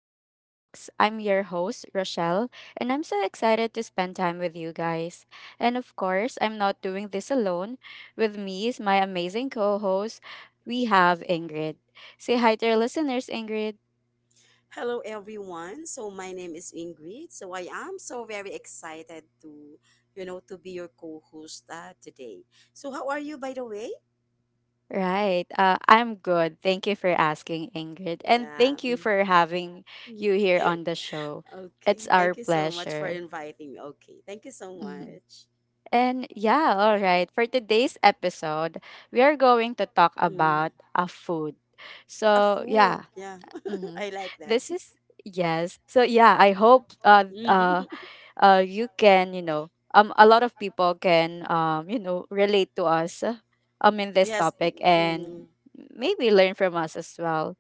to our talks. I'm your host, Rochelle, and I'm so excited to spend time with you guys. And of course, I'm not doing this alone. With me is my amazing co host, we have Ingrid. Say hi to our listeners, Ingrid. Hello, everyone. My name is Ingrid. I am so very excited to, to be your co-host today. So how are you, by the way? Right, I'm good. Thank you for asking, Ingrid. And Yeah. thank you for having mm. you here on the show. It's Okay. our Thank you so much for pleasure. inviting me. Okay. Thank you so Mm-hmm. much. And yeah, all right. For today's episode, we are going to talk Mm. about a food. A So food. yeah, Yeah. hmm I like that. this is yes. So yeah, I hope you can a lot of people can relate to us in this Yes. topic and mm maybe learn from us as well.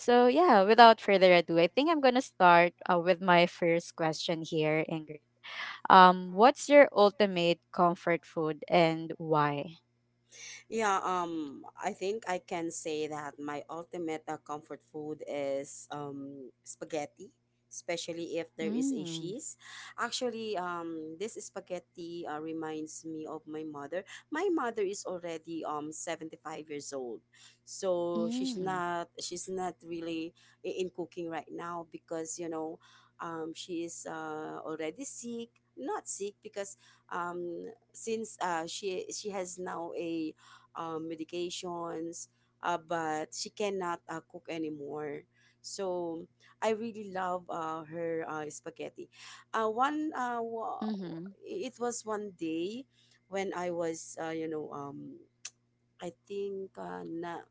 So yeah, without further ado, I think I'm gonna start with my first question here, what's your ultimate comfort food and why? Yeah, I think I can say that my ultimate comfort food is spaghetti, especially if there is a Mm. cheese. Actually, this spaghetti reminds me of my mother. My mother is already 75 years old. So she's Mm. not she's not really in cooking right now because, you know, she is already sick. Not sick because since she has now a medications, but she cannot cook anymore. So I really love her spaghetti. Uh, one uh, wa- Mhm. it was one day when I was I think na-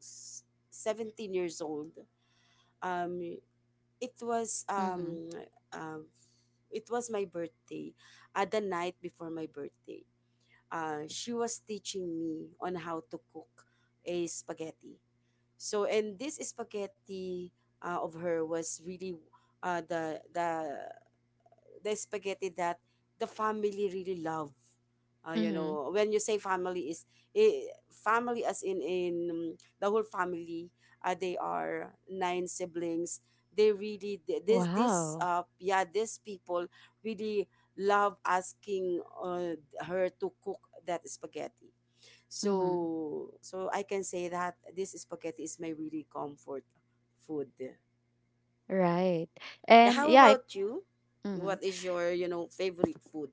s- 17 years old. Um, it was Mhm. um, um, it was my birthday, the night before my birthday she was teaching me on how to cook a spaghetti. And this spaghetti of her was really uh, the the the spaghetti that the family really love. You Mhm. know, when you say family is family as in the whole family. They are nine siblings. They really th- this Wow. Yeah these people really love asking her to cook that spaghetti. Mhm. So I can say that this spaghetti is my really comfort food. Right. Yeah. And How yeah, it, about you? mhm. What is your favorite food?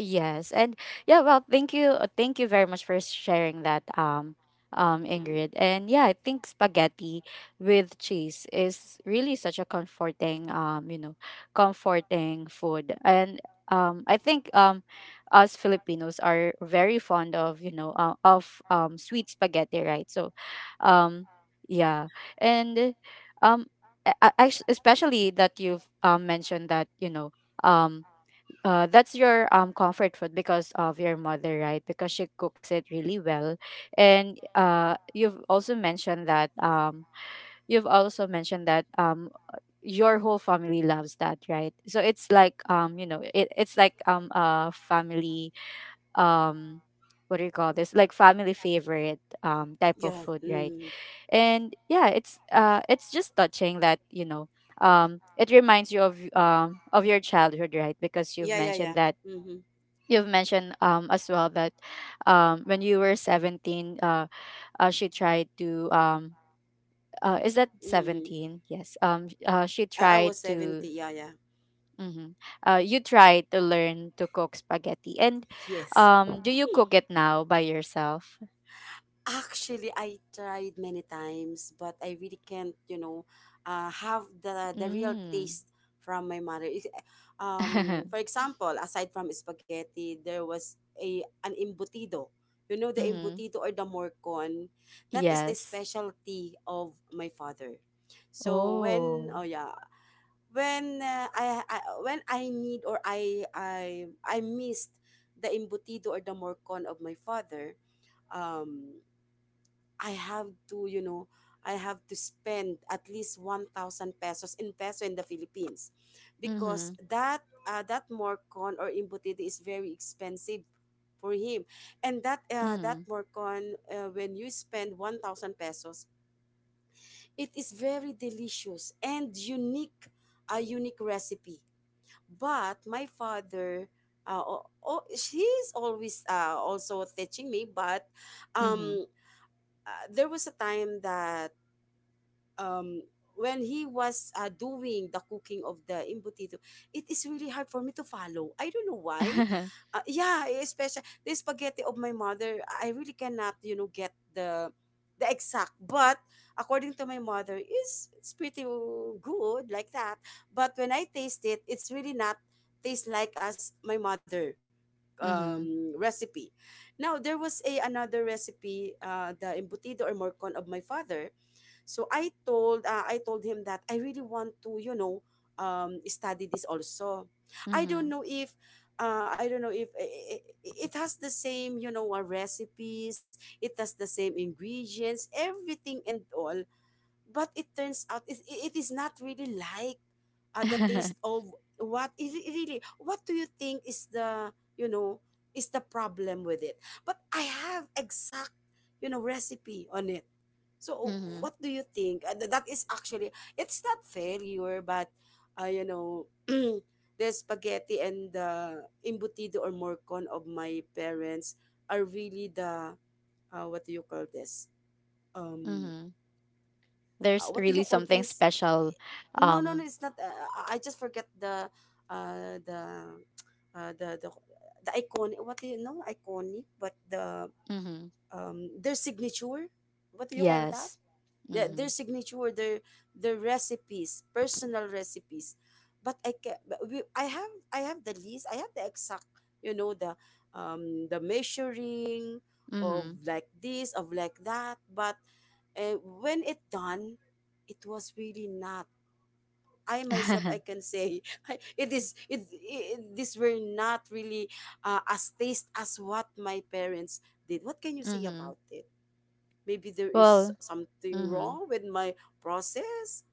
Yes. And yeah, well, thank you. Thank you very much for sharing that, Mm. Ingrid. And yeah, I think spaghetti with cheese is really such a comforting, comforting food. And I think us Filipinos are very fond of, of sweet spaghetti, right? Um, yeah. And um, actually, especially that you've mentioned that, um, that's your comfort food because of your mother, right? Because she cooks it really well, and you've also mentioned that you've also mentioned that your whole family loves that, right? So it's like it's like a family um, what do you call this? Like family favorite type of Yeah. food, right? Mm. And yeah, it's just touching that it reminds you of your childhood, right? Because you've Yeah, yeah, mentioned yeah. that Mm-hmm. you've mentioned as well that when you were 17 she tried to is that Mm. 17, yes, she I tried was to 70. Yeah, yeah. mhm. You tried to learn to cook spaghetti, and Yes. Do you cook it now by yourself? Actually, I tried many times, but I really can't, you know, have the real Mm. taste from my mother. For example, aside from spaghetti, there was a an embutido. You know, the Mm-hmm. embutido or the morcon, that is the Yes. specialty of my father. So when, Oh. oh yeah, when I when I need or I missed the embutido or the morcon of my father, um, I have to I have to spend at least 1,000 pesos in peso in the Philippines, Mm-hmm. because that that morcon or embutido is very expensive for him, and that that Mm-hmm. morcon when you spend 1,000 pesos, it is very delicious and unique, a unique recipe. But my father oh, he's always also teaching me, but Mm-hmm. um there was a time that um when he was doing the cooking of the embutido, it is really hard for me to follow. I don't know why. Yeah, especially the spaghetti of my mother, I really cannot, you know, get the exact. But according to my mother, is it's pretty good like that. But when I taste it, it's really not taste like as my mother Mm-hmm. Recipe. Now there was a another recipe, the embutido or morcon of my father, so I told him that I really want to, you know, study this also. I Mm-hmm. don't know if I don't know if it has the same, you know, recipes. It has the same ingredients, everything and all, but it turns out it is not really like the taste of what it really. What do you think is the you know is the problem with it? But I have exact, recipe on it. So Mm-hmm. what do you think? That is actually, it's not failure, but you know, the spaghetti and the imbutido or morcon of my parents are really the, what do you call this, um Mm-hmm. There's what do you really call something this? special. No, no, no. Um, It's not. I just forget the, uh, the, uh, the the the iconic. What do you know? Iconic, but the mhm. Their signature. What do you call that? Yes. Yeah, their Mhm. signature, their recipes, personal recipes. But I can. I have the list. I have the exact. You know the measuring, of Mhm. like this, of like that. But when it done, it was really not. I myself I mhm. can say it is it, this were not really as taste as what my parents did. What can you say about it? Maybe there is Well, something mhm. wrong with my process,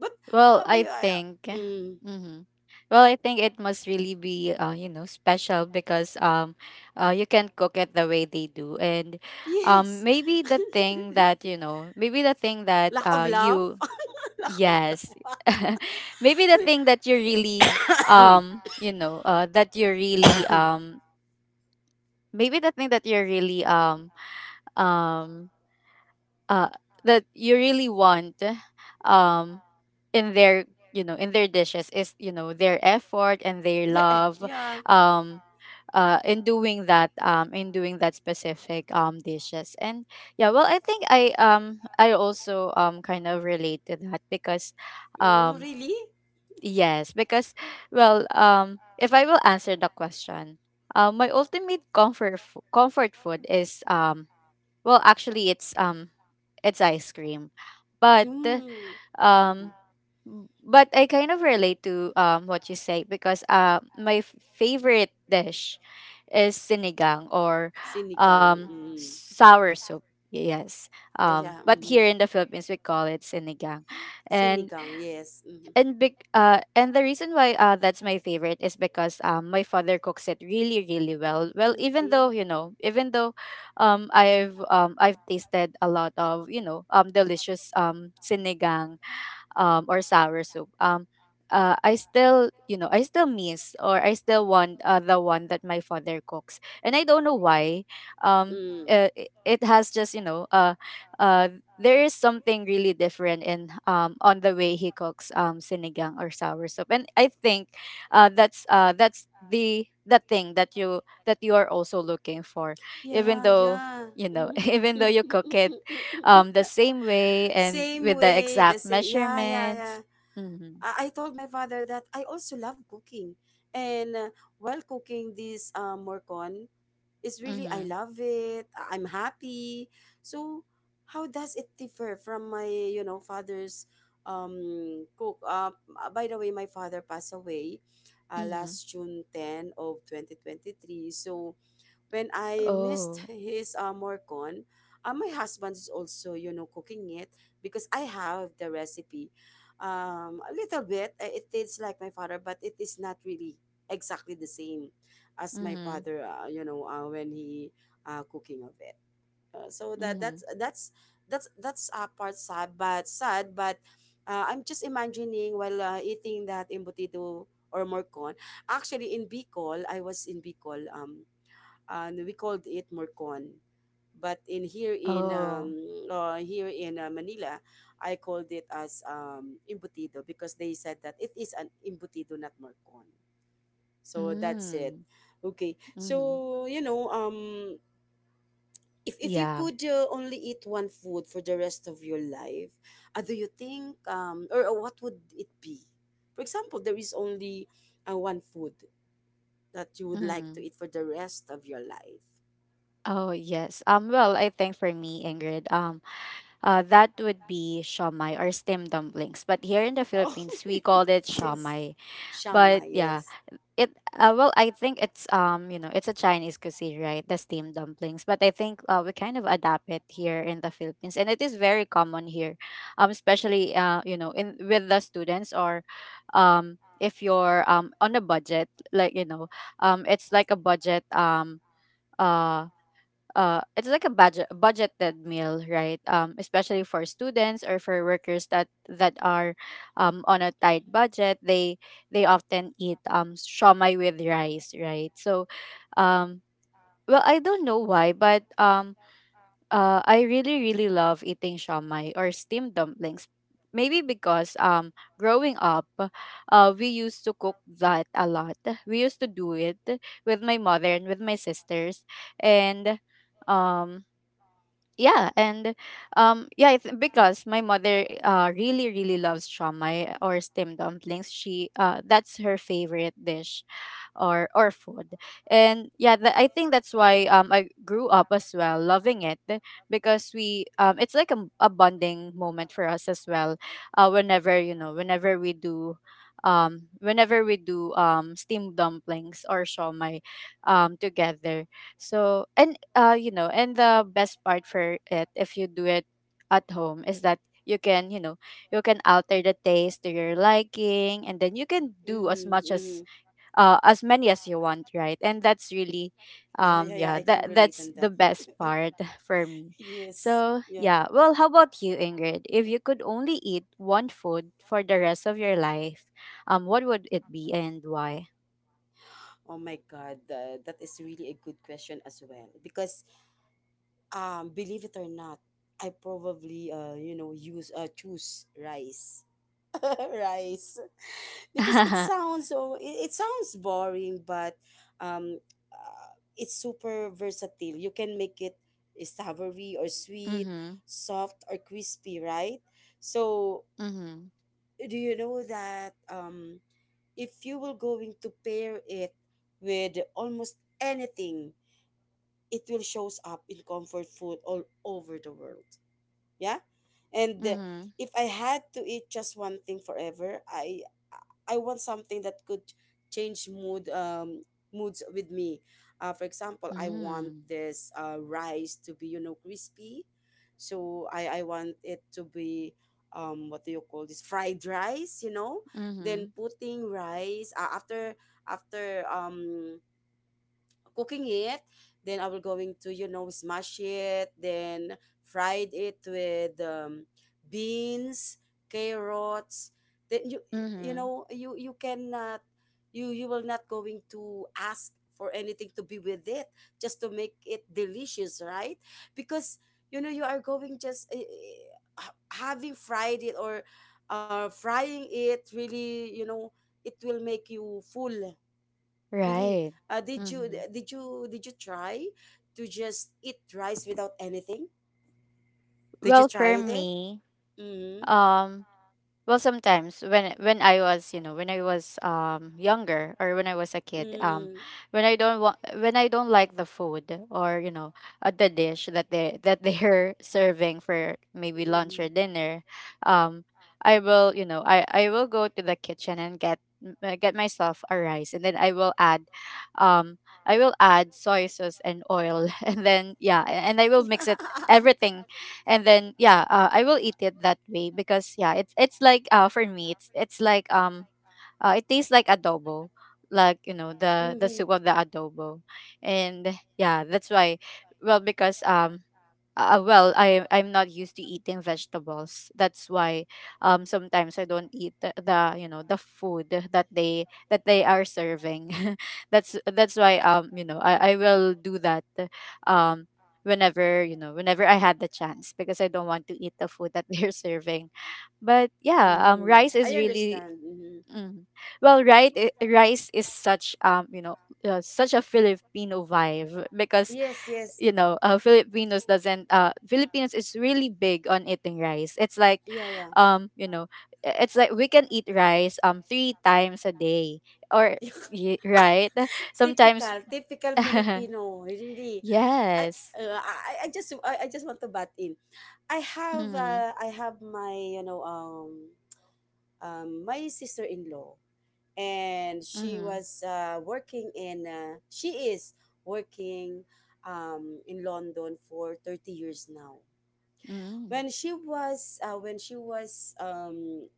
but Well, I yeah, think yeah, mm, mhm. Well, I think it must really be special because you can cook it the way they do, and yes. maybe the thing that, maybe the thing that Lack of love, you lack of yes. love. Maybe the thing that you really that you really maybe the thing that you're really um uh that you really want um in their in their dishes is their effort and their There, love yeah, um in doing that, in doing that specific dishes. And yeah, well, I think I I also kind of relate to that because oh, um really. yes, because well, if I will answer the question, my ultimate comfort food is well, actually, it's ice cream, but Mm. Mhm. um, but I kind of relate to what you say because my favorite dish is sinigang or Sinigang. Mm. sour soup. Yes. Yeah, yeah. But here in the Philippines we call it sinigang, and Sinigang. Yes. Big and the reason why that's my favorite is because my father cooks it really really well, well even though Okay. Even though I've I've tasted a lot of, delicious sinigang or sour soup. I still, I still miss or I still want the one that my father cooks, and I don't know why. Um, Mm. It it has just, uh, there is something really different in on the way he cooks sinigang or sour soup, and I think that's the thing that you are also looking for even Yeah, though yeah. Mhm. even though you cook it the same way and Same with the way, the exact same. Yeah, yeah, measurements. yeah. Mhm. I told my father that I also love cooking. And while cooking this is really, I Mm-hmm. love it. I'm happy. So how does it differ from my, you know, father's cook? By the way, my father passed away Mm-hmm. last June 10 of 2023. So when I missed Oh. his morcon, my husband is also, you know, cooking it because I have the recipe. A little bit, it tastes like my father, but it is not really exactly the same as my Mm-hmm. father. You know, when he cooking of it. So that Mm-hmm. that's that's that's that's uh, part sad, but I'm just imagining while eating that embutido or morcon. Actually, in Bicol, I was in Bicol. And we called it Morcon. But in here in Oh. Here in Manila, I called it as embutido because they said that it is an embutido, not Morcon. So that's it. Mm-hmm. Okay. Mm-hmm. So you know, if you Yeah. could only eat one food for the rest of your life, do you think or what would it be? For example, there is only one food that you would like to Mm-hmm. eat for the rest of your life. Oh yes. Well, I think for me, Ingrid, that would be shawmai or steamed dumplings. But here in the Philippines, we called it Yes. shawmai. Shama, But yeah, yes. It well, I think it's it's a Chinese cuisine, right? The steamed dumplings. But I think we kind of adapt it here in the Philippines, and it is very common here, especially in with the students, or if you're on a budget, like it's like a budget uh it's like a budgeted meal, right? Especially for students or for workers that are on a tight budget, they often eat shawmai with rice, right? So um well, I don't know why, but I really really love eating shawmai or steamed dumplings, maybe because growing up we used to cook that a lot. We used to do it with my mother and with my sisters, and um yeah. And yeah, it's because my mother really really loves shamai or steamed dumplings. She that's her favorite dish or food. And yeah, I think that's why I grew up as well loving it, because we it's like a bonding moment for us as well whenever whenever we do steamed dumplings or shawmai together. So and and the best part for it, if you do it at home, is that you can you can alter the taste to your liking, and then you can do as Mm-hmm, much mm-hmm. As many as you want, right? And that's really Yeah, yeah, yeah. I yeah, can that relate on that's that. the best part for me. Yes. So Yeah. yeah, well, how about you, Ingrid? If you could only eat one food for the rest of your life, what would it be and why? Oh my God. That is really a good question as well. Because believe it or not, I probably you know, use choose rice. Rice. Because it sounds so, it sounds boring, but um uh, it's super versatile. You can make it savory or sweet, Mhm. soft or crispy, right? So Mhm. do you know that if you will going to pair it with almost anything, it will shows up in comfort food all over the world. Yeah. And Mhm. if I had to eat just one thing forever, I want something that could change moods with me. For example, I want Mm. this rice to be, you know, crispy. So I want it to be, what do you call this, fried rice, you know? Then Mhm. putting rice after after um cooking it, then I will going to, you know, smash it, then fried it with beans, carrots. Then you Mhm. know, you cannot, you will not going to ask for anything to be with it, just to make it delicious, right? Because, you know, you are going just having fried it or frying it, really, you know, it will make you full. Really? Right. Uh, did you Mhm. did you did you try to just eat rice without anything? Did you Well, try for it? me, Mm-hmm. um, well, sometimes when I was, when I was younger, or when I was a kid, Mm-hmm. when I don't want, when I don't like the food, or the dish that they that they're serving for maybe lunch or Mm-hmm. dinner, um, I will I will go to the kitchen and get get myself a rice, and then I will add soy sauce and oil and then yeah, and I will mix it everything, and then yeah, I will eat it that way, because yeah, it's like for me it's like it tastes like adobo, like the Mm-hmm. soup of the adobo. And yeah, that's why, well, because well, I I'm not used to eating vegetables, that's why sometimes I don't eat the the food that they are serving that's why I will do that um whenever whenever I had the chance, because I don't want to eat the food that they're serving. But yeah, Mm-hmm. rice I is really understand. Mm-hmm. mm, well right, rice is such such a Filipino vibe, because Yes, yes. Filipinos doesn't, Filipinos is really big on eating rice. It's like Yeah, yeah. um you know it's like we can eat rice three times a day or right, sometimes. Typical, typical Filipino, really. I, Yes. I just want to butt in. Mm-hmm. I have my, you know, my sister-in-law, and she Mm-hmm. was working in she is working in London for 30 years now. Mm-hmm. When she was uh, when she was um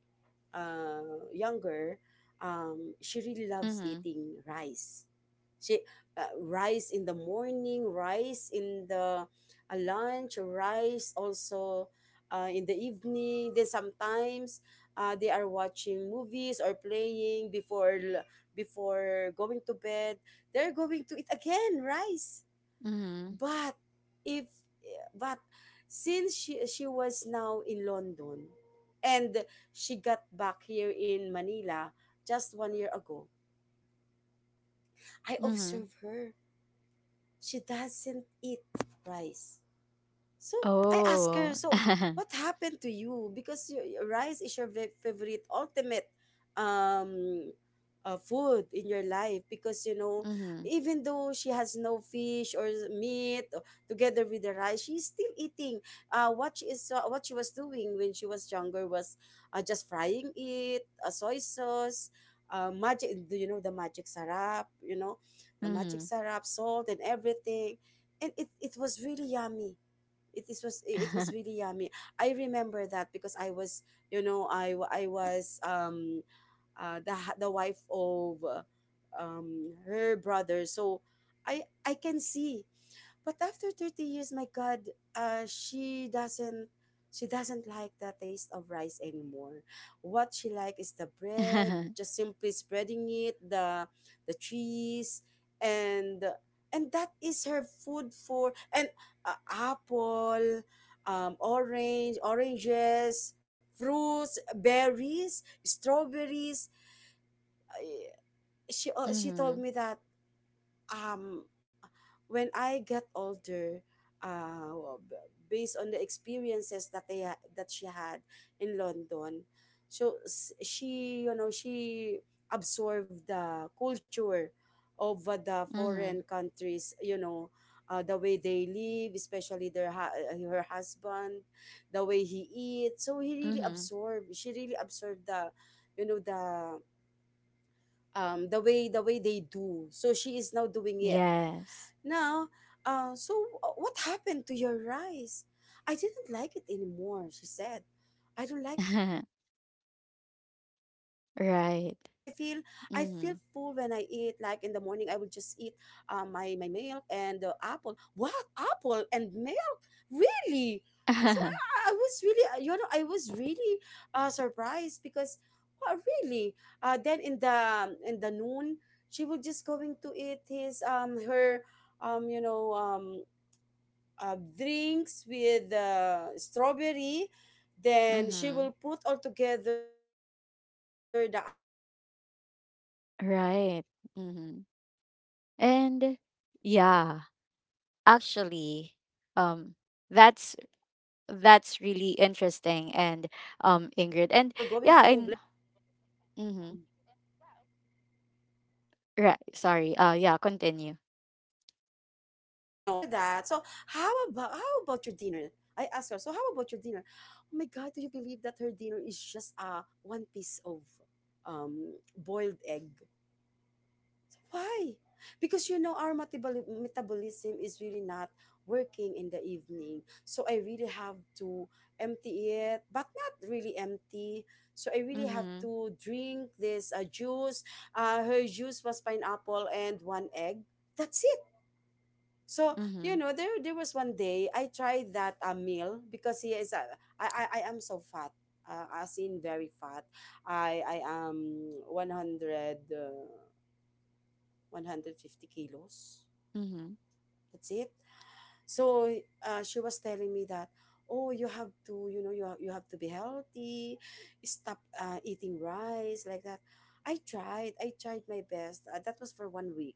uh, younger, she really loves Mm-hmm. eating rice. She Rice in the morning, rice in the lunch, rice also in the evening. Then sometimes they are watching movies or playing before before going to bed. They're going to eat again rice. Mm-hmm. But if but Since she was now in London and she got back here in Manila just one year ago, I Mm-hmm. observe her. She doesn't eat rice. So I asked her, Oh. so what happened to you? Because your rice is your favorite ultimate um food in your life, because, you know, Mm-hmm. even though she has no fish or meat or, together with the rice she's still eating. What she was doing when she was younger was just frying it, soy sauce, magic, do you know the magic sarap, you know, the magic Mm-hmm. sarap salt and everything? And it was really yummy. It was really yummy. I remember that because I was you know I wa- I was the the wife of her brother. So I can see. But after 30 years, my God, uh, she doesn't she doesn't like the taste of rice anymore. What she like is the bread, just simply spreading it, the cheese, and that is her food for and Apple, orange, oranges, fruits, berries, strawberries. Uh, she told Mm-hmm. me that um when I get older, uh, well, b- based on the experiences that that she had in London. So she you know she absorbed the culture of the Mm-hmm. foreign countries. You know, the way they live, especially her husband, the way he eats. So he really Mm-hmm. absorbed. She really absorbed the, you know the. The way they do, so she is now doing it Yes. now. So what happened to your rice? I didn't like it anymore, she said. I don't like it anymore. I feel I feel full when Right. I eat. Like in the morning, Mm-hmm. I will just eat my milk and the apple. What, apple and milk? Really? So I was really I was really surprised because what, really? Then in the noon, she was just going to eat his her um, you know, um, drinks with strawberry. Then she will Mhm. put all together the apple, the berries, and the, I don't know, Right. the Mhm. other fruit. They were going And to blend yeah, it. Yeah. actually, Oh my um, God. that's Mm-hmm. really interesting, and Ingrid, and yeah, and Mhm. That's, you know. Right, And then sorry, after yeah, that, so continue. how how about your dinner? I asked her. So how about your dinner? Oh my god, do you believe that her dinner is just one piece of boiled egg? Why? Because you know our metabolism is really not working in the evening, so I really have to empty it, but not really empty. So I really have Mhm. to drink this juice. Her juice was pineapple and one egg. That's it. So you Mhm. know, there was one day I tried that a meal because he is a I am so fat, as in very fat. I am 100, 150 kilos. Mhm. That's it. So she was telling me that, oh, you have to, you know, you have to be healthy. Stop eating rice like that. I tried my best, that was for 1 week.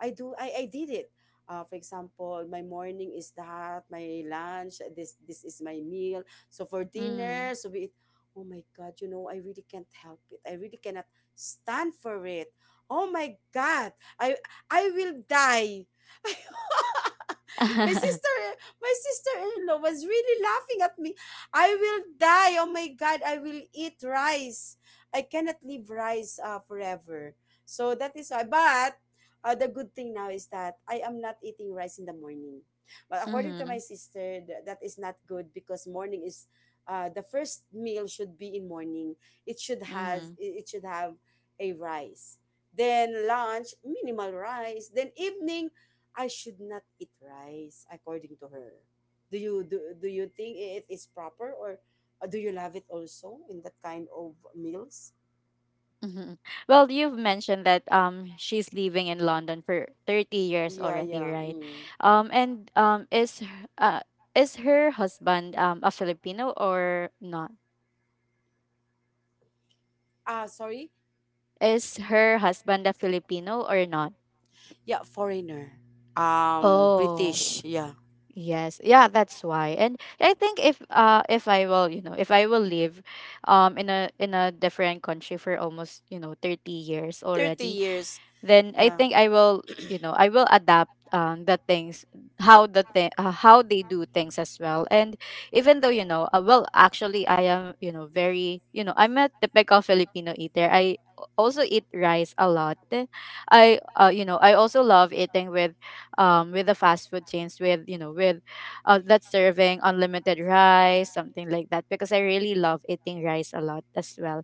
I did it. For example, my morning is that, my lunch, this is my meal. So for dinner, Mhm. so we eat, oh my god, you know, I really can't help it. I really cannot stand for it. Oh my god, i I will die. My sister, my sister-in-law was really laughing at me. I will die, oh my god, I will eat rice. I cannot live rice, forever. So that is why, but the good thing now is that I am not eating rice in the morning, but according to my Mhm. sister, that is not good because morning is the first meal should be in morning. Mhm. It should have a rice. Then lunch, minimal rice. Then evening, I should not eat rice, according to her. Do you think it is proper, or do you love it also in that kind of meals? Mhm. Well, you've mentioned that she's living in London for 30 years Yeah, already, yeah. right? Mm. And is her husband a Filipino or not? Ah, sorry. Is her husband a Filipino or not? Yeah, foreigner. Oh, British. Yeah, yes. Yeah, that's why. And I think if I will, if I will live in a different country for almost, 30 years thirty already, years. then I Yeah. think I will, I will adapt the things, how the how they do things as well. And even though well, actually, I am, very, I'm a typical Filipino eater. I also eat rice a lot. I I also love eating with the fast food chains with with that's serving unlimited rice something like that because I really love eating rice a lot as well.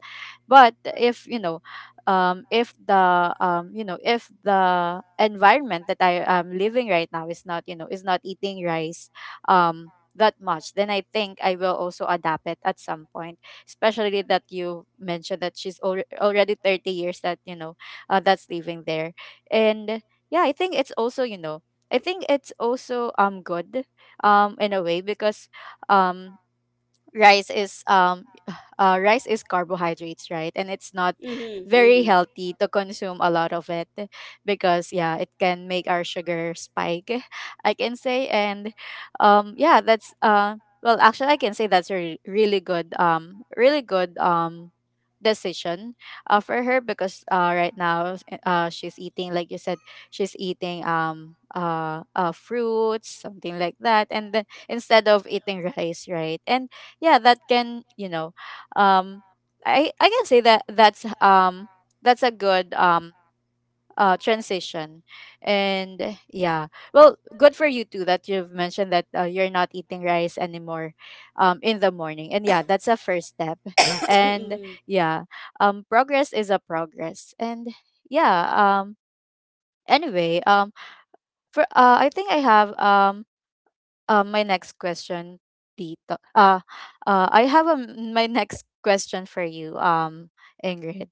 But if if the if the environment that I am living right now is not is not eating rice that much, then I think I will also adapt it at some point. Especially that you mentioned that already 30 years that that's living there, and yeah, I think it's also I think it's also good in a way because um rice is um rice is carbohydrates, right? And it's not Mm-hmm, very mm-hmm. healthy to consume a lot of it because yeah, it can make our sugar spike. I can say. And yeah that's well actually, I can say that's a really good really good decision for her because right now she's eating, like you said, she's eating fruits, something like that, and then instead of eating rice, right? And yeah, that can um I can say that that's a good transition. And yeah, well, good for you too that you've mentioned that you're not eating rice anymore in the morning. And yeah, that's a first step. And yeah progress is a progress. And yeah anyway for I think I have my next question, Tito. I have a, my next question for you, Ingrid.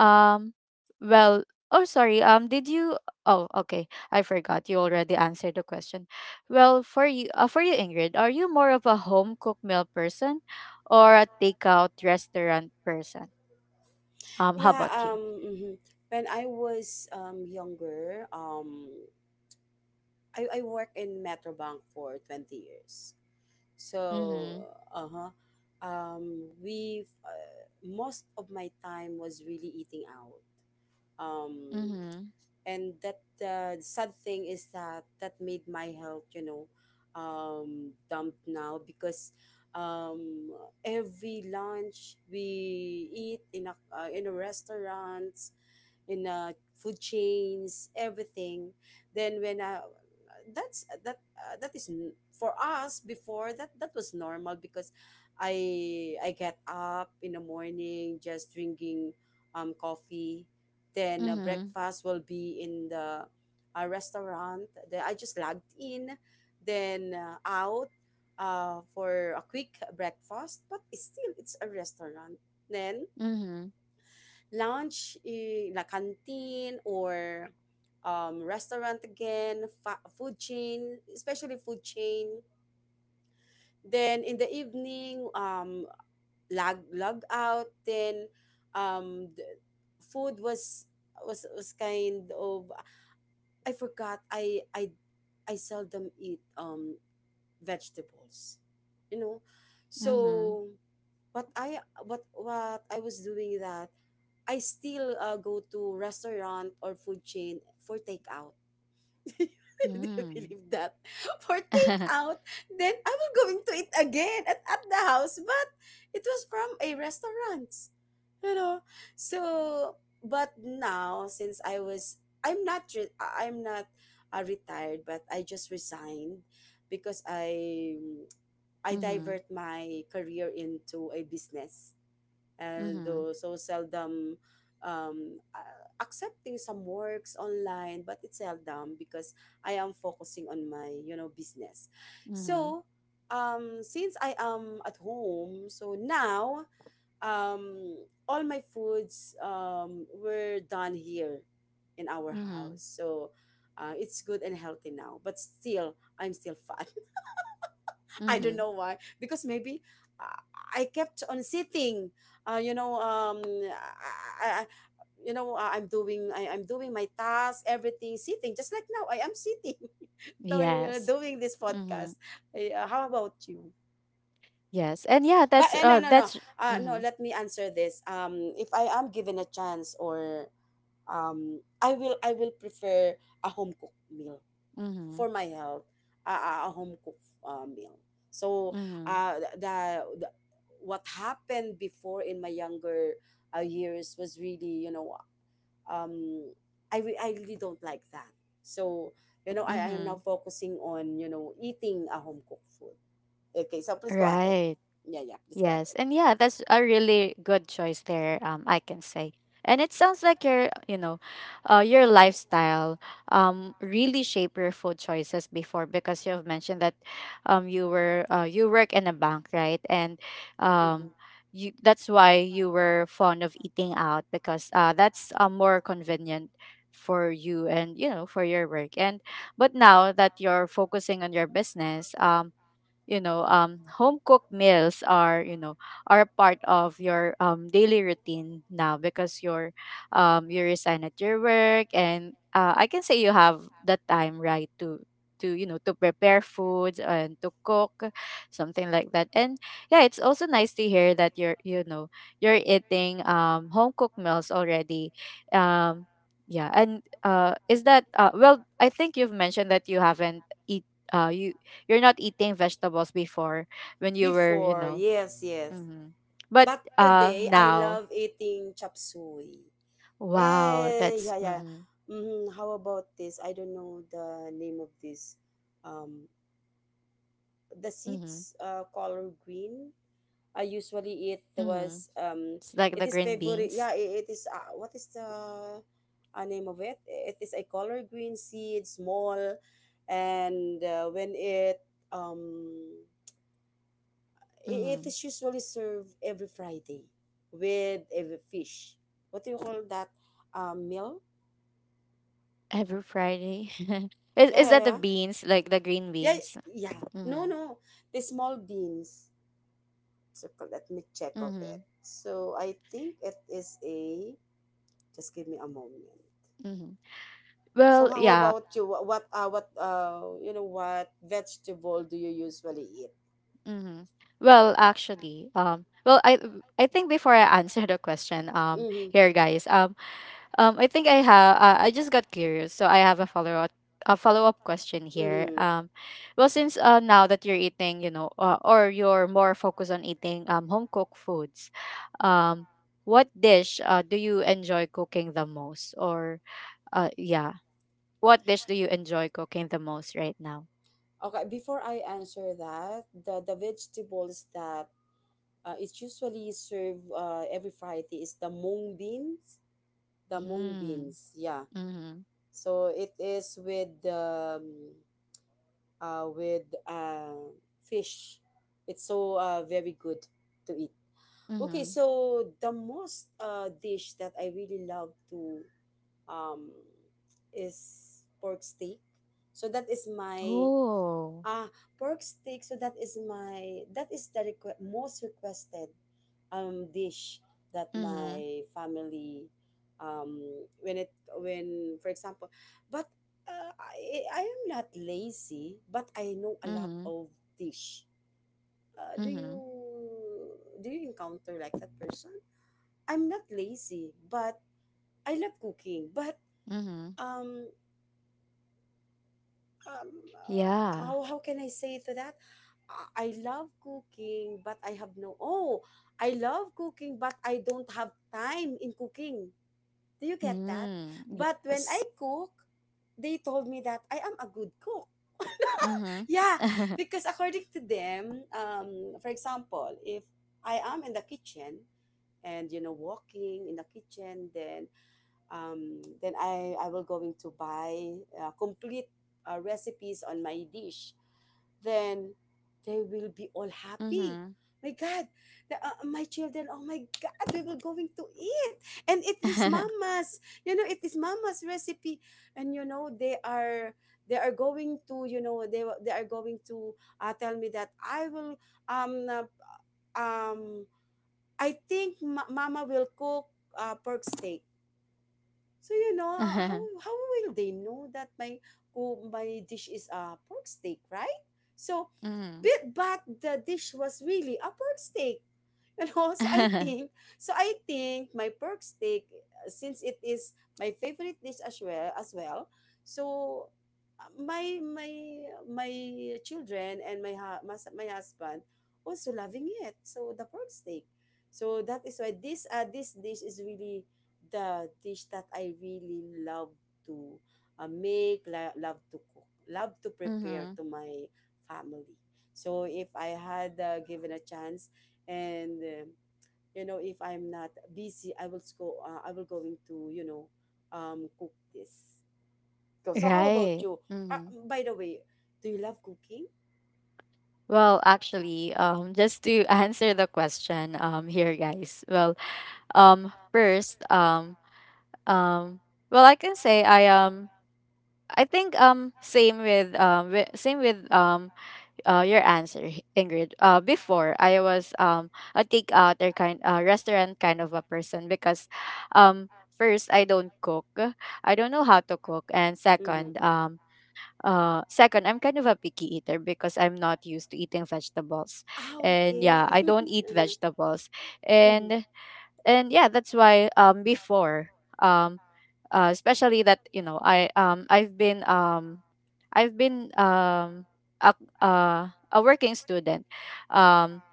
Um, well, oh, sorry. Did you? Oh, okay. I forgot. You already answered the question. Well, for you, Ingrid, are you more of a home cooked meal person or a takeout restaurant person? How Yeah, about you? um, mhm. When I was younger, I worked in metrobank for 20 years. Mm-hmm. So, uh huh. We most of my time was really eating out. Um, Mm-hmm. and that sad thing is that that made my health, you know, dumped now because um, every lunch we eat in a restaurant, in food chains, everything. Then when that's that that is for us before, that that was normal because I get up in the morning just drinking coffee. Then Mm-hmm. breakfast will be in the restaurant. Then I just logged in, then out for a quick breakfast. But it's still, it's a restaurant. Then lunch, eh, la canteen or restaurant again, food chain, especially food chain. Then in the evening, log out. Then the food was was kind of, I forgot. I seldom eat vegetables, you know. Mm-hmm. So what I was doing, that I still go to restaurant or food chain for takeout. Do you Mm-hmm. believe that? For Mm-hmm. takeout, then I will going to eat again at the house, but it was from a restaurant. You know, so, but now since I'm not, I'm not retired, but I just resigned because I Mm-hmm. divert my career into a business, and Mm-hmm. though so seldom um, uh, accepting some works online, but it's seldom because I am focusing on my, you know, business. Mm-hmm. So since I am at home, so now um, all my foods were done here in our Mhm. house, so it's good and healthy now, but still I'm still fat. I don't Mhm. know why, because maybe uh, I kept on sitting. You know, I, I, I- I'm doing my task, everything sitting, just like now I am sitting. So you're Yes. doing this Mhm. podcast. Eh, uh, how about you? Yes. And yeah, But that's no. mhm. Let me answer this. If I am given a chance, or I will prefer a home cooked meal Mhm. for my health, a, a home cooked meal. So Mhm. uh the, the what happened before in my younger years was really, you know, um, I really don't like that. So you know, I am now Mhm. focusing on, you know, eating a home cooked food. Okay, so please go ahead. Right. Yeah, yeah, please go Yes, ahead. and yeah, that's a really good choice there. I can say, and it sounds like your, your lifestyle, really shape your food choices before because you've mentioned that, you were, you work in a bank, right? And, Hmm. um, you that's why you were fond of eating out because, that's more convenient for you and you know for your work. And but now that you're focusing on your business, you know home cooked meals are, you know, are a part of your daily routine now because you're you resign at your work. And I can say you have the time, right? To you know to prepare foods and to cook something like that. And yeah, it's also nice to hear that you're you know you're eating home cooked meals already. um yeah. And is that well, I think you've mentioned that you haven't eat uh you you're not eating vegetables before, when you were, you Before, know, yes, yes. hmm, but But today I now, love eating chop suey. wow, Eh, that's yeah, yeah. mm-hmm, Hmm. How about this? I don't know the name of this. Um, the mm-hmm, seeds, color green. I usually, it mm-hmm. was It's like it the is green favorite. beans. Yeah, it is. What is the name of it? It is a color green seed, small, and when it um, it Mm, is usually served every Friday with a fish. What do you call that? Meal? every Friday. is, Yeah, is yeah, that the yeah. beans, like the green Yeah, beans? yeah. No, Mm-hmm, no. The small beans. So let me check of mm-hmm, it. So I think it is a. Just give me a moment. mm-hmm. So Well, how yeah. about you? What you know, what vegetable do you usually eat? Mm-hmm. Well, I think before I answer the question, um Mm-hmm. here guys um I think I have. I just got curious, so I have a follow up, a follow up question here. Mm-hmm. Since now that you're eating, you know, or you're more focused on eating home cooked foods, um, what dish do you enjoy cooking the most? Or uh, yeah, what dish do you enjoy cooking the most right now? Okay, before I answer that, the vegetables that it's usually served every Friday is the mung beans. The mung Mm, beans, yeah. mm-hmm, So it is with uh, with uh, fish. It's so very good to eat. Okay, mm-hmm. so the most dish that I really love to um, is pork steak. So that is my, Oh, ah, pork steak. So that is the most requested dish that mm-hmm, my family um, when it, when, for example, but I am not lazy, but I know a lot mm-hmm, of dish. Uh, do you mm-hmm, do you encounter like that person? I'm not lazy, but I love cooking. But mm-hmm. um Yeah. how can I say to that? I love cooking, but I have no. Oh, I love cooking, but I don't have time in cooking. Do you get that? Mm, But when I yes. cook, they told me that I am a good cook. Mhm. Yeah, Mhm. because according to them, for example, if I am in the kitchen and you know walking in the kitchen, then I will going to buy complete recipes on my dish, then they will be all happy. Mhm. My God, my children, oh my God, they will going to eat. And it is mama's, you know, it is mama's recipe. And, you know, they are going to, you know, they are going to tell me that um, uh, um, I think mama will cook pork steak. So you know how will they know that my my dish is a pork steak, right? So, Mhm. But the dish was really a pork steak. And also I think so I think my pork steak, since it is my favorite dish as well, so uh, my my my children and my my husband also loving it, so the pork steak, so that is why this dish is really the dish that I really love to love to cook, love to prepare to my family. So if I had, given a chance, and you know, if I'm not busy, I will go I will going to cook this. So how about Right. you? uh, Mhm. by the way, do you love cooking? Well, actually, just to answer the question, here, guys. Well, first, um, well, I can say I think same with same with your answer, Ingrid. Before I was a takeout or kind restaurant kind of a person because, first, I don't cook, I don't know how to cook, and Mm-hmm. second, second, I'm kind of a picky eater because I'm not used to eating vegetables, Ah, and yeah, okay. I don't eat vegetables. Uh-huh. And and yeah, that's why before. um especially that you know I've been a, a working student, um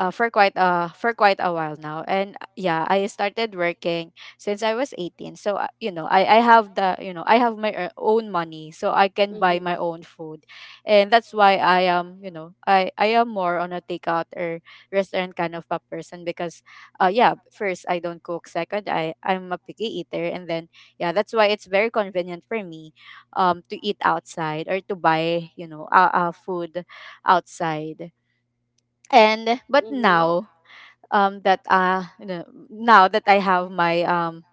for quite a while now. And yeah, I started working since I was 18. So you know, I have the, you know, I have my own money, so I can buy Mm-hmm. my own food. And that's why I am, you know, I am more on a takeout or restaurant kind of a person because yeah, first I don't cook, second, I'm a picky eater, and then yeah, that's why it's very convenient for me to eat outside or to buy, you know, food outside. And but Mm-hmm. now that now that I have my um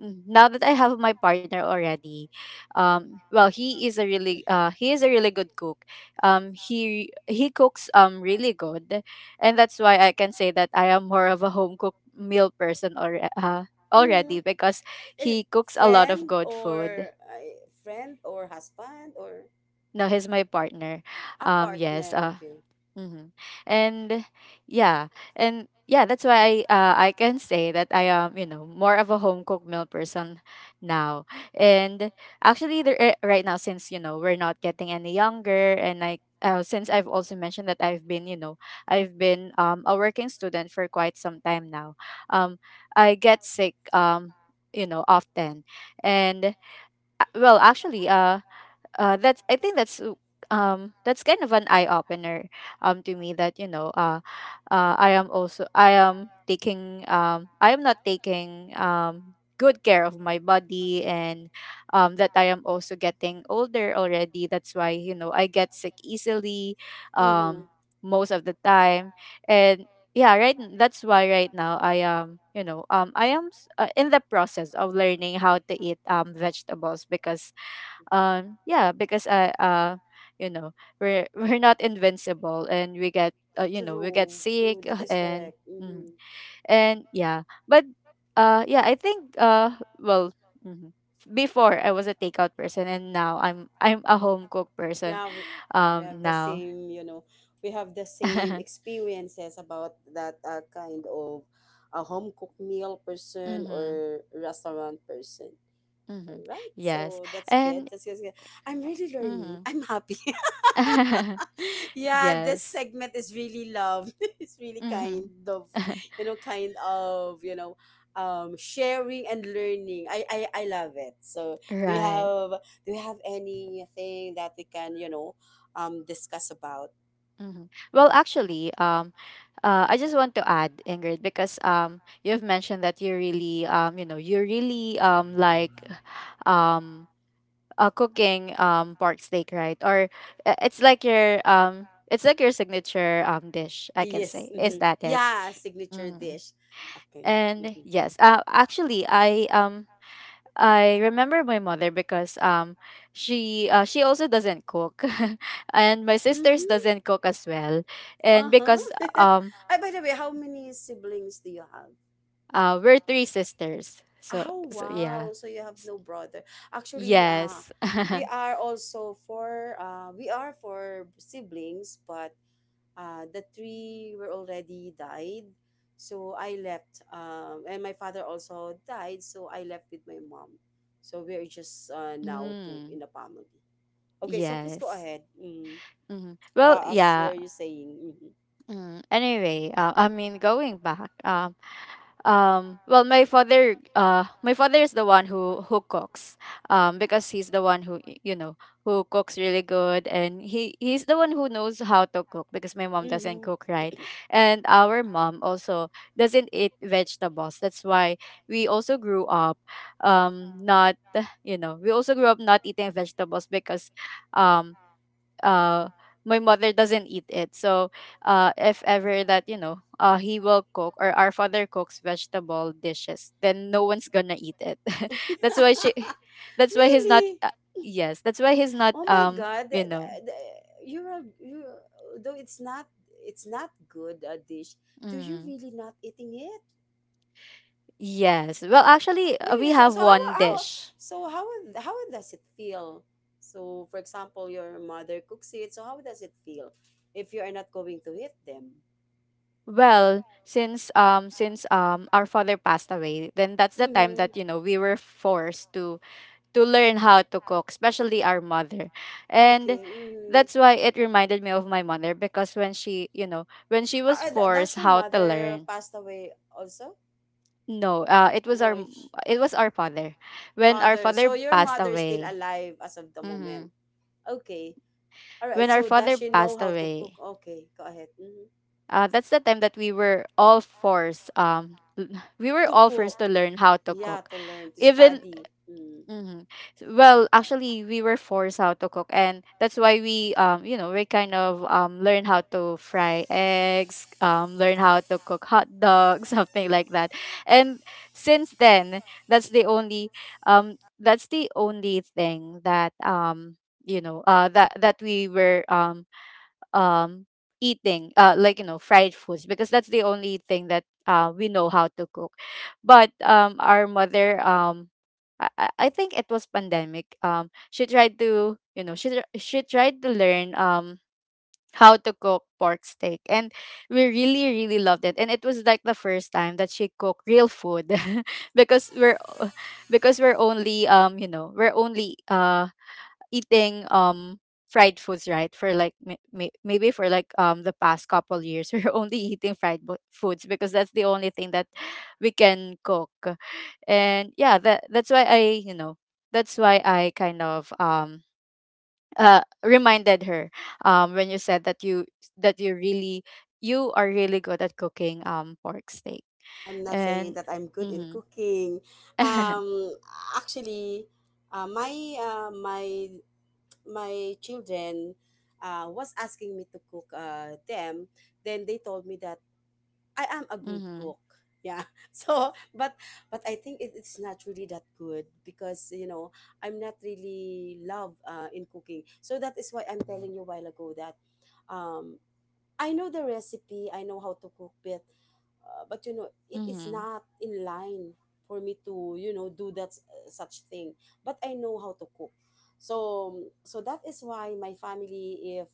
mm, now that I have my partner already. Well, he is a really he is a really good cook. He cooks really good. And that's why I can say that I am more of a home cooked meal person or Mm-hmm. Mm-hmm. already because Is he cooks a lot of friend good food. or friend or husband or? Now he's my partner. A yes, partner, okay. Mm-hmm. And yeah, and yeah, that's why I can say that I am, you know, more of a home cooked meal person now. And actually, right now, since you know we're not getting any younger, and I since I've also mentioned that I've been, you know, I've been a working student for quite some time now. Um, I get sick you know often. And well actually that's, I think that's kind of an eye opener to me that you know I am taking I am not taking good care of my body. And that I am also getting older already, that's why you know I get sick easily Mm-hmm. um most of the time. And yeah, right that's why right now I am, you know, I am in the process of learning how to eat vegetables because yeah, because I you know, we're we're not invincible and we get you know, we get True, true. sick, That is and correct. mm, Mm-hmm. and yeah. But yeah I think mhm. Before I was a takeout person and now I'm a home cook person Yeah, we, yeah, we have the now. same, you know, we have the same experiences about that kind of a home cooked meal person Mm-hmm, or restaurant person. mm-hmm. All right, Yes, so that's good. and That's good. That's good. I'm really learning. mm-hmm. I'm happy. Yeah, this Yes. segment is really love. It's really kind of, Mm-hmm. you know, kind of, you know, sharing and learning. I love it. So, do you Right. have do you have anything that we can, you know, discuss about? Mhm. Well, actually, I just want to add, Ingrid, because you've mentioned that you really, you really like, um, cooking pork steak, right? Or it's like your signature dish, I can Yes. say. Is Mm-hmm. that it? Yeah, signature Mm. dish. Okay. And Mm-hmm. yes, actually, I remember my mother because she also doesn't cook and my sisters Mm-hmm. doesn't cook as well. And Uh huh. because By the way, how many siblings do you have? We're three sisters, so Oh so yeah. wow! So you have S- no brother. Actually, yes. We are for siblings, but the three were already died. So I left, and my father also died. So I left with my mom. So we are just now two in Mm, the family. Okay, so please go yes, ahead. Mm. hmm. Well, As yeah. were you saying? Mm-hmm. Mm. Anyway, I mean, going back. Well, my father is the one who cooks, because he's the one who you know, who cooks really good and he's the one who knows how to cook because my mom doesn't Mm-hmm. cook, right? And our mom also doesn't eat vegetables, that's why we also grew up not, you know, we also grew up not eating vegetables because um uh my mother doesn't eat it. So if ever that, you know, he will cook, or our father cooks vegetable dishes, then no one's gonna eat it. That's why she that's why he's not Really? Yes, that's why he's not Oh my God! you know, You're you, though it's not, it's not good a dish. Do you mm, really not eating it? yes, well, actually, we Really? So have one dish. so how how does it feel? So for example, your mother cooks it. So how does it feel if you are not going to eat them? Well, since our father passed away, then that's the time Mm-hmm. that you know we were forced to learn how to cook, especially our mother. And Okay. Mm-hmm. that's why it reminded me of my mother because when she, you know, when she was Does forced your how to mother learn, passed away also? no, it was No, our, it was our father. was When our father. So father your passed mother is still away, alive as of the moment. hmm, Okay. All right. when our So does father she know passed how to cook? away, Okay. Go ahead. Mm-hmm. That's the time that we were all forced we were To she all cook. forced to learn how to Yeah, cook to cook. Learn to, we did even. study. Because, mm. Mm-hmm. Well, actually, we were forced how to cook, and that's why we, you know, we kind of learn how to fry eggs, learn how to cook hot dogs, something like that. And since then, that's the only, that's the only thing that you know, that that we were um eating like, you know, fried foods because that's the only thing that we know how to cook. But our mother, I think it was pandemic. She tried to, you know, she tried to learn how to cook pork steak, and we really really loved it. And it was like the first time that she cooked real food because because we're only you know, we're only eating fried foods, right? For like maybe for like the past couple years, we're only eating foods because that's the only thing that we can cook. And yeah, that that's why I you know, that's why I kind of reminded her when you said that you, that you really, you are really good at cooking pork steak. Oh, I'm not saying And that I'm good in mhm, cooking. Um, Actually, uh, my uh, my my children was asking me to cook them, then they told me that I am a good mhm, cook. Yeah. So, but I think it, it's not really that good because you know I'm not really love in cooking. So that is why I'm telling you a while ago that um, I know the recipe, I know how to cook, but you know it is mhm, not in line for me to you know do that such thing, but I know how to cook. So that is why my family, if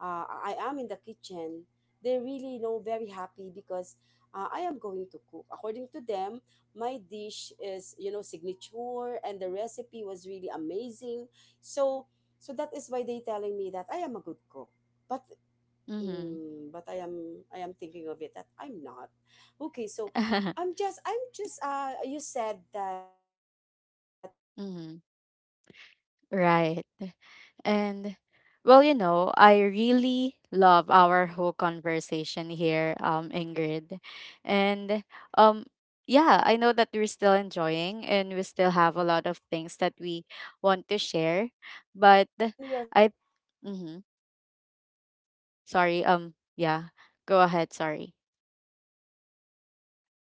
I am in the kitchen, they really, you know, very happy because I am going to cook, according to them my dish is, you know, signature and the recipe was really amazing. So so that is why they telling me that I am a good cook, but mhm, mm, but I am thinking of it that I'm not. Okay, so I'm just you said that when your father mhm, was, you know, right. And when your father well, are you still know, he I there. really Mm-hmm. love our whole conversation here, Okay. Ingrid. Mm-hmm. And um yeah, I know that we're still enjoying and we still have a Okay. lot of things that Mm-hmm. we want to share. But Okay. I mm-hmm, Hello. sorry, yeah, go ahead, sorry.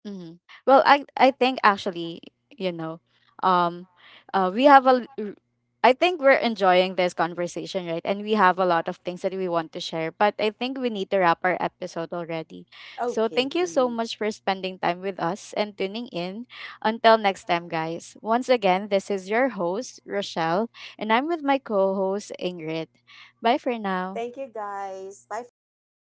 Mm-hmm. Well, I think actually, you know, um, we have a. I think we're enjoying this conversation, right? And we have a lot of things that we want to share, but I think we need to wrap our episode already. So Okay. thank you so Mm-hmm. much for spending time with us and tuning in. Until next time, guys. Once again, this is your host Rochelle, and I'm with my co-host Ingrid. Bye for now. Thank you guys. Bye for now, guys.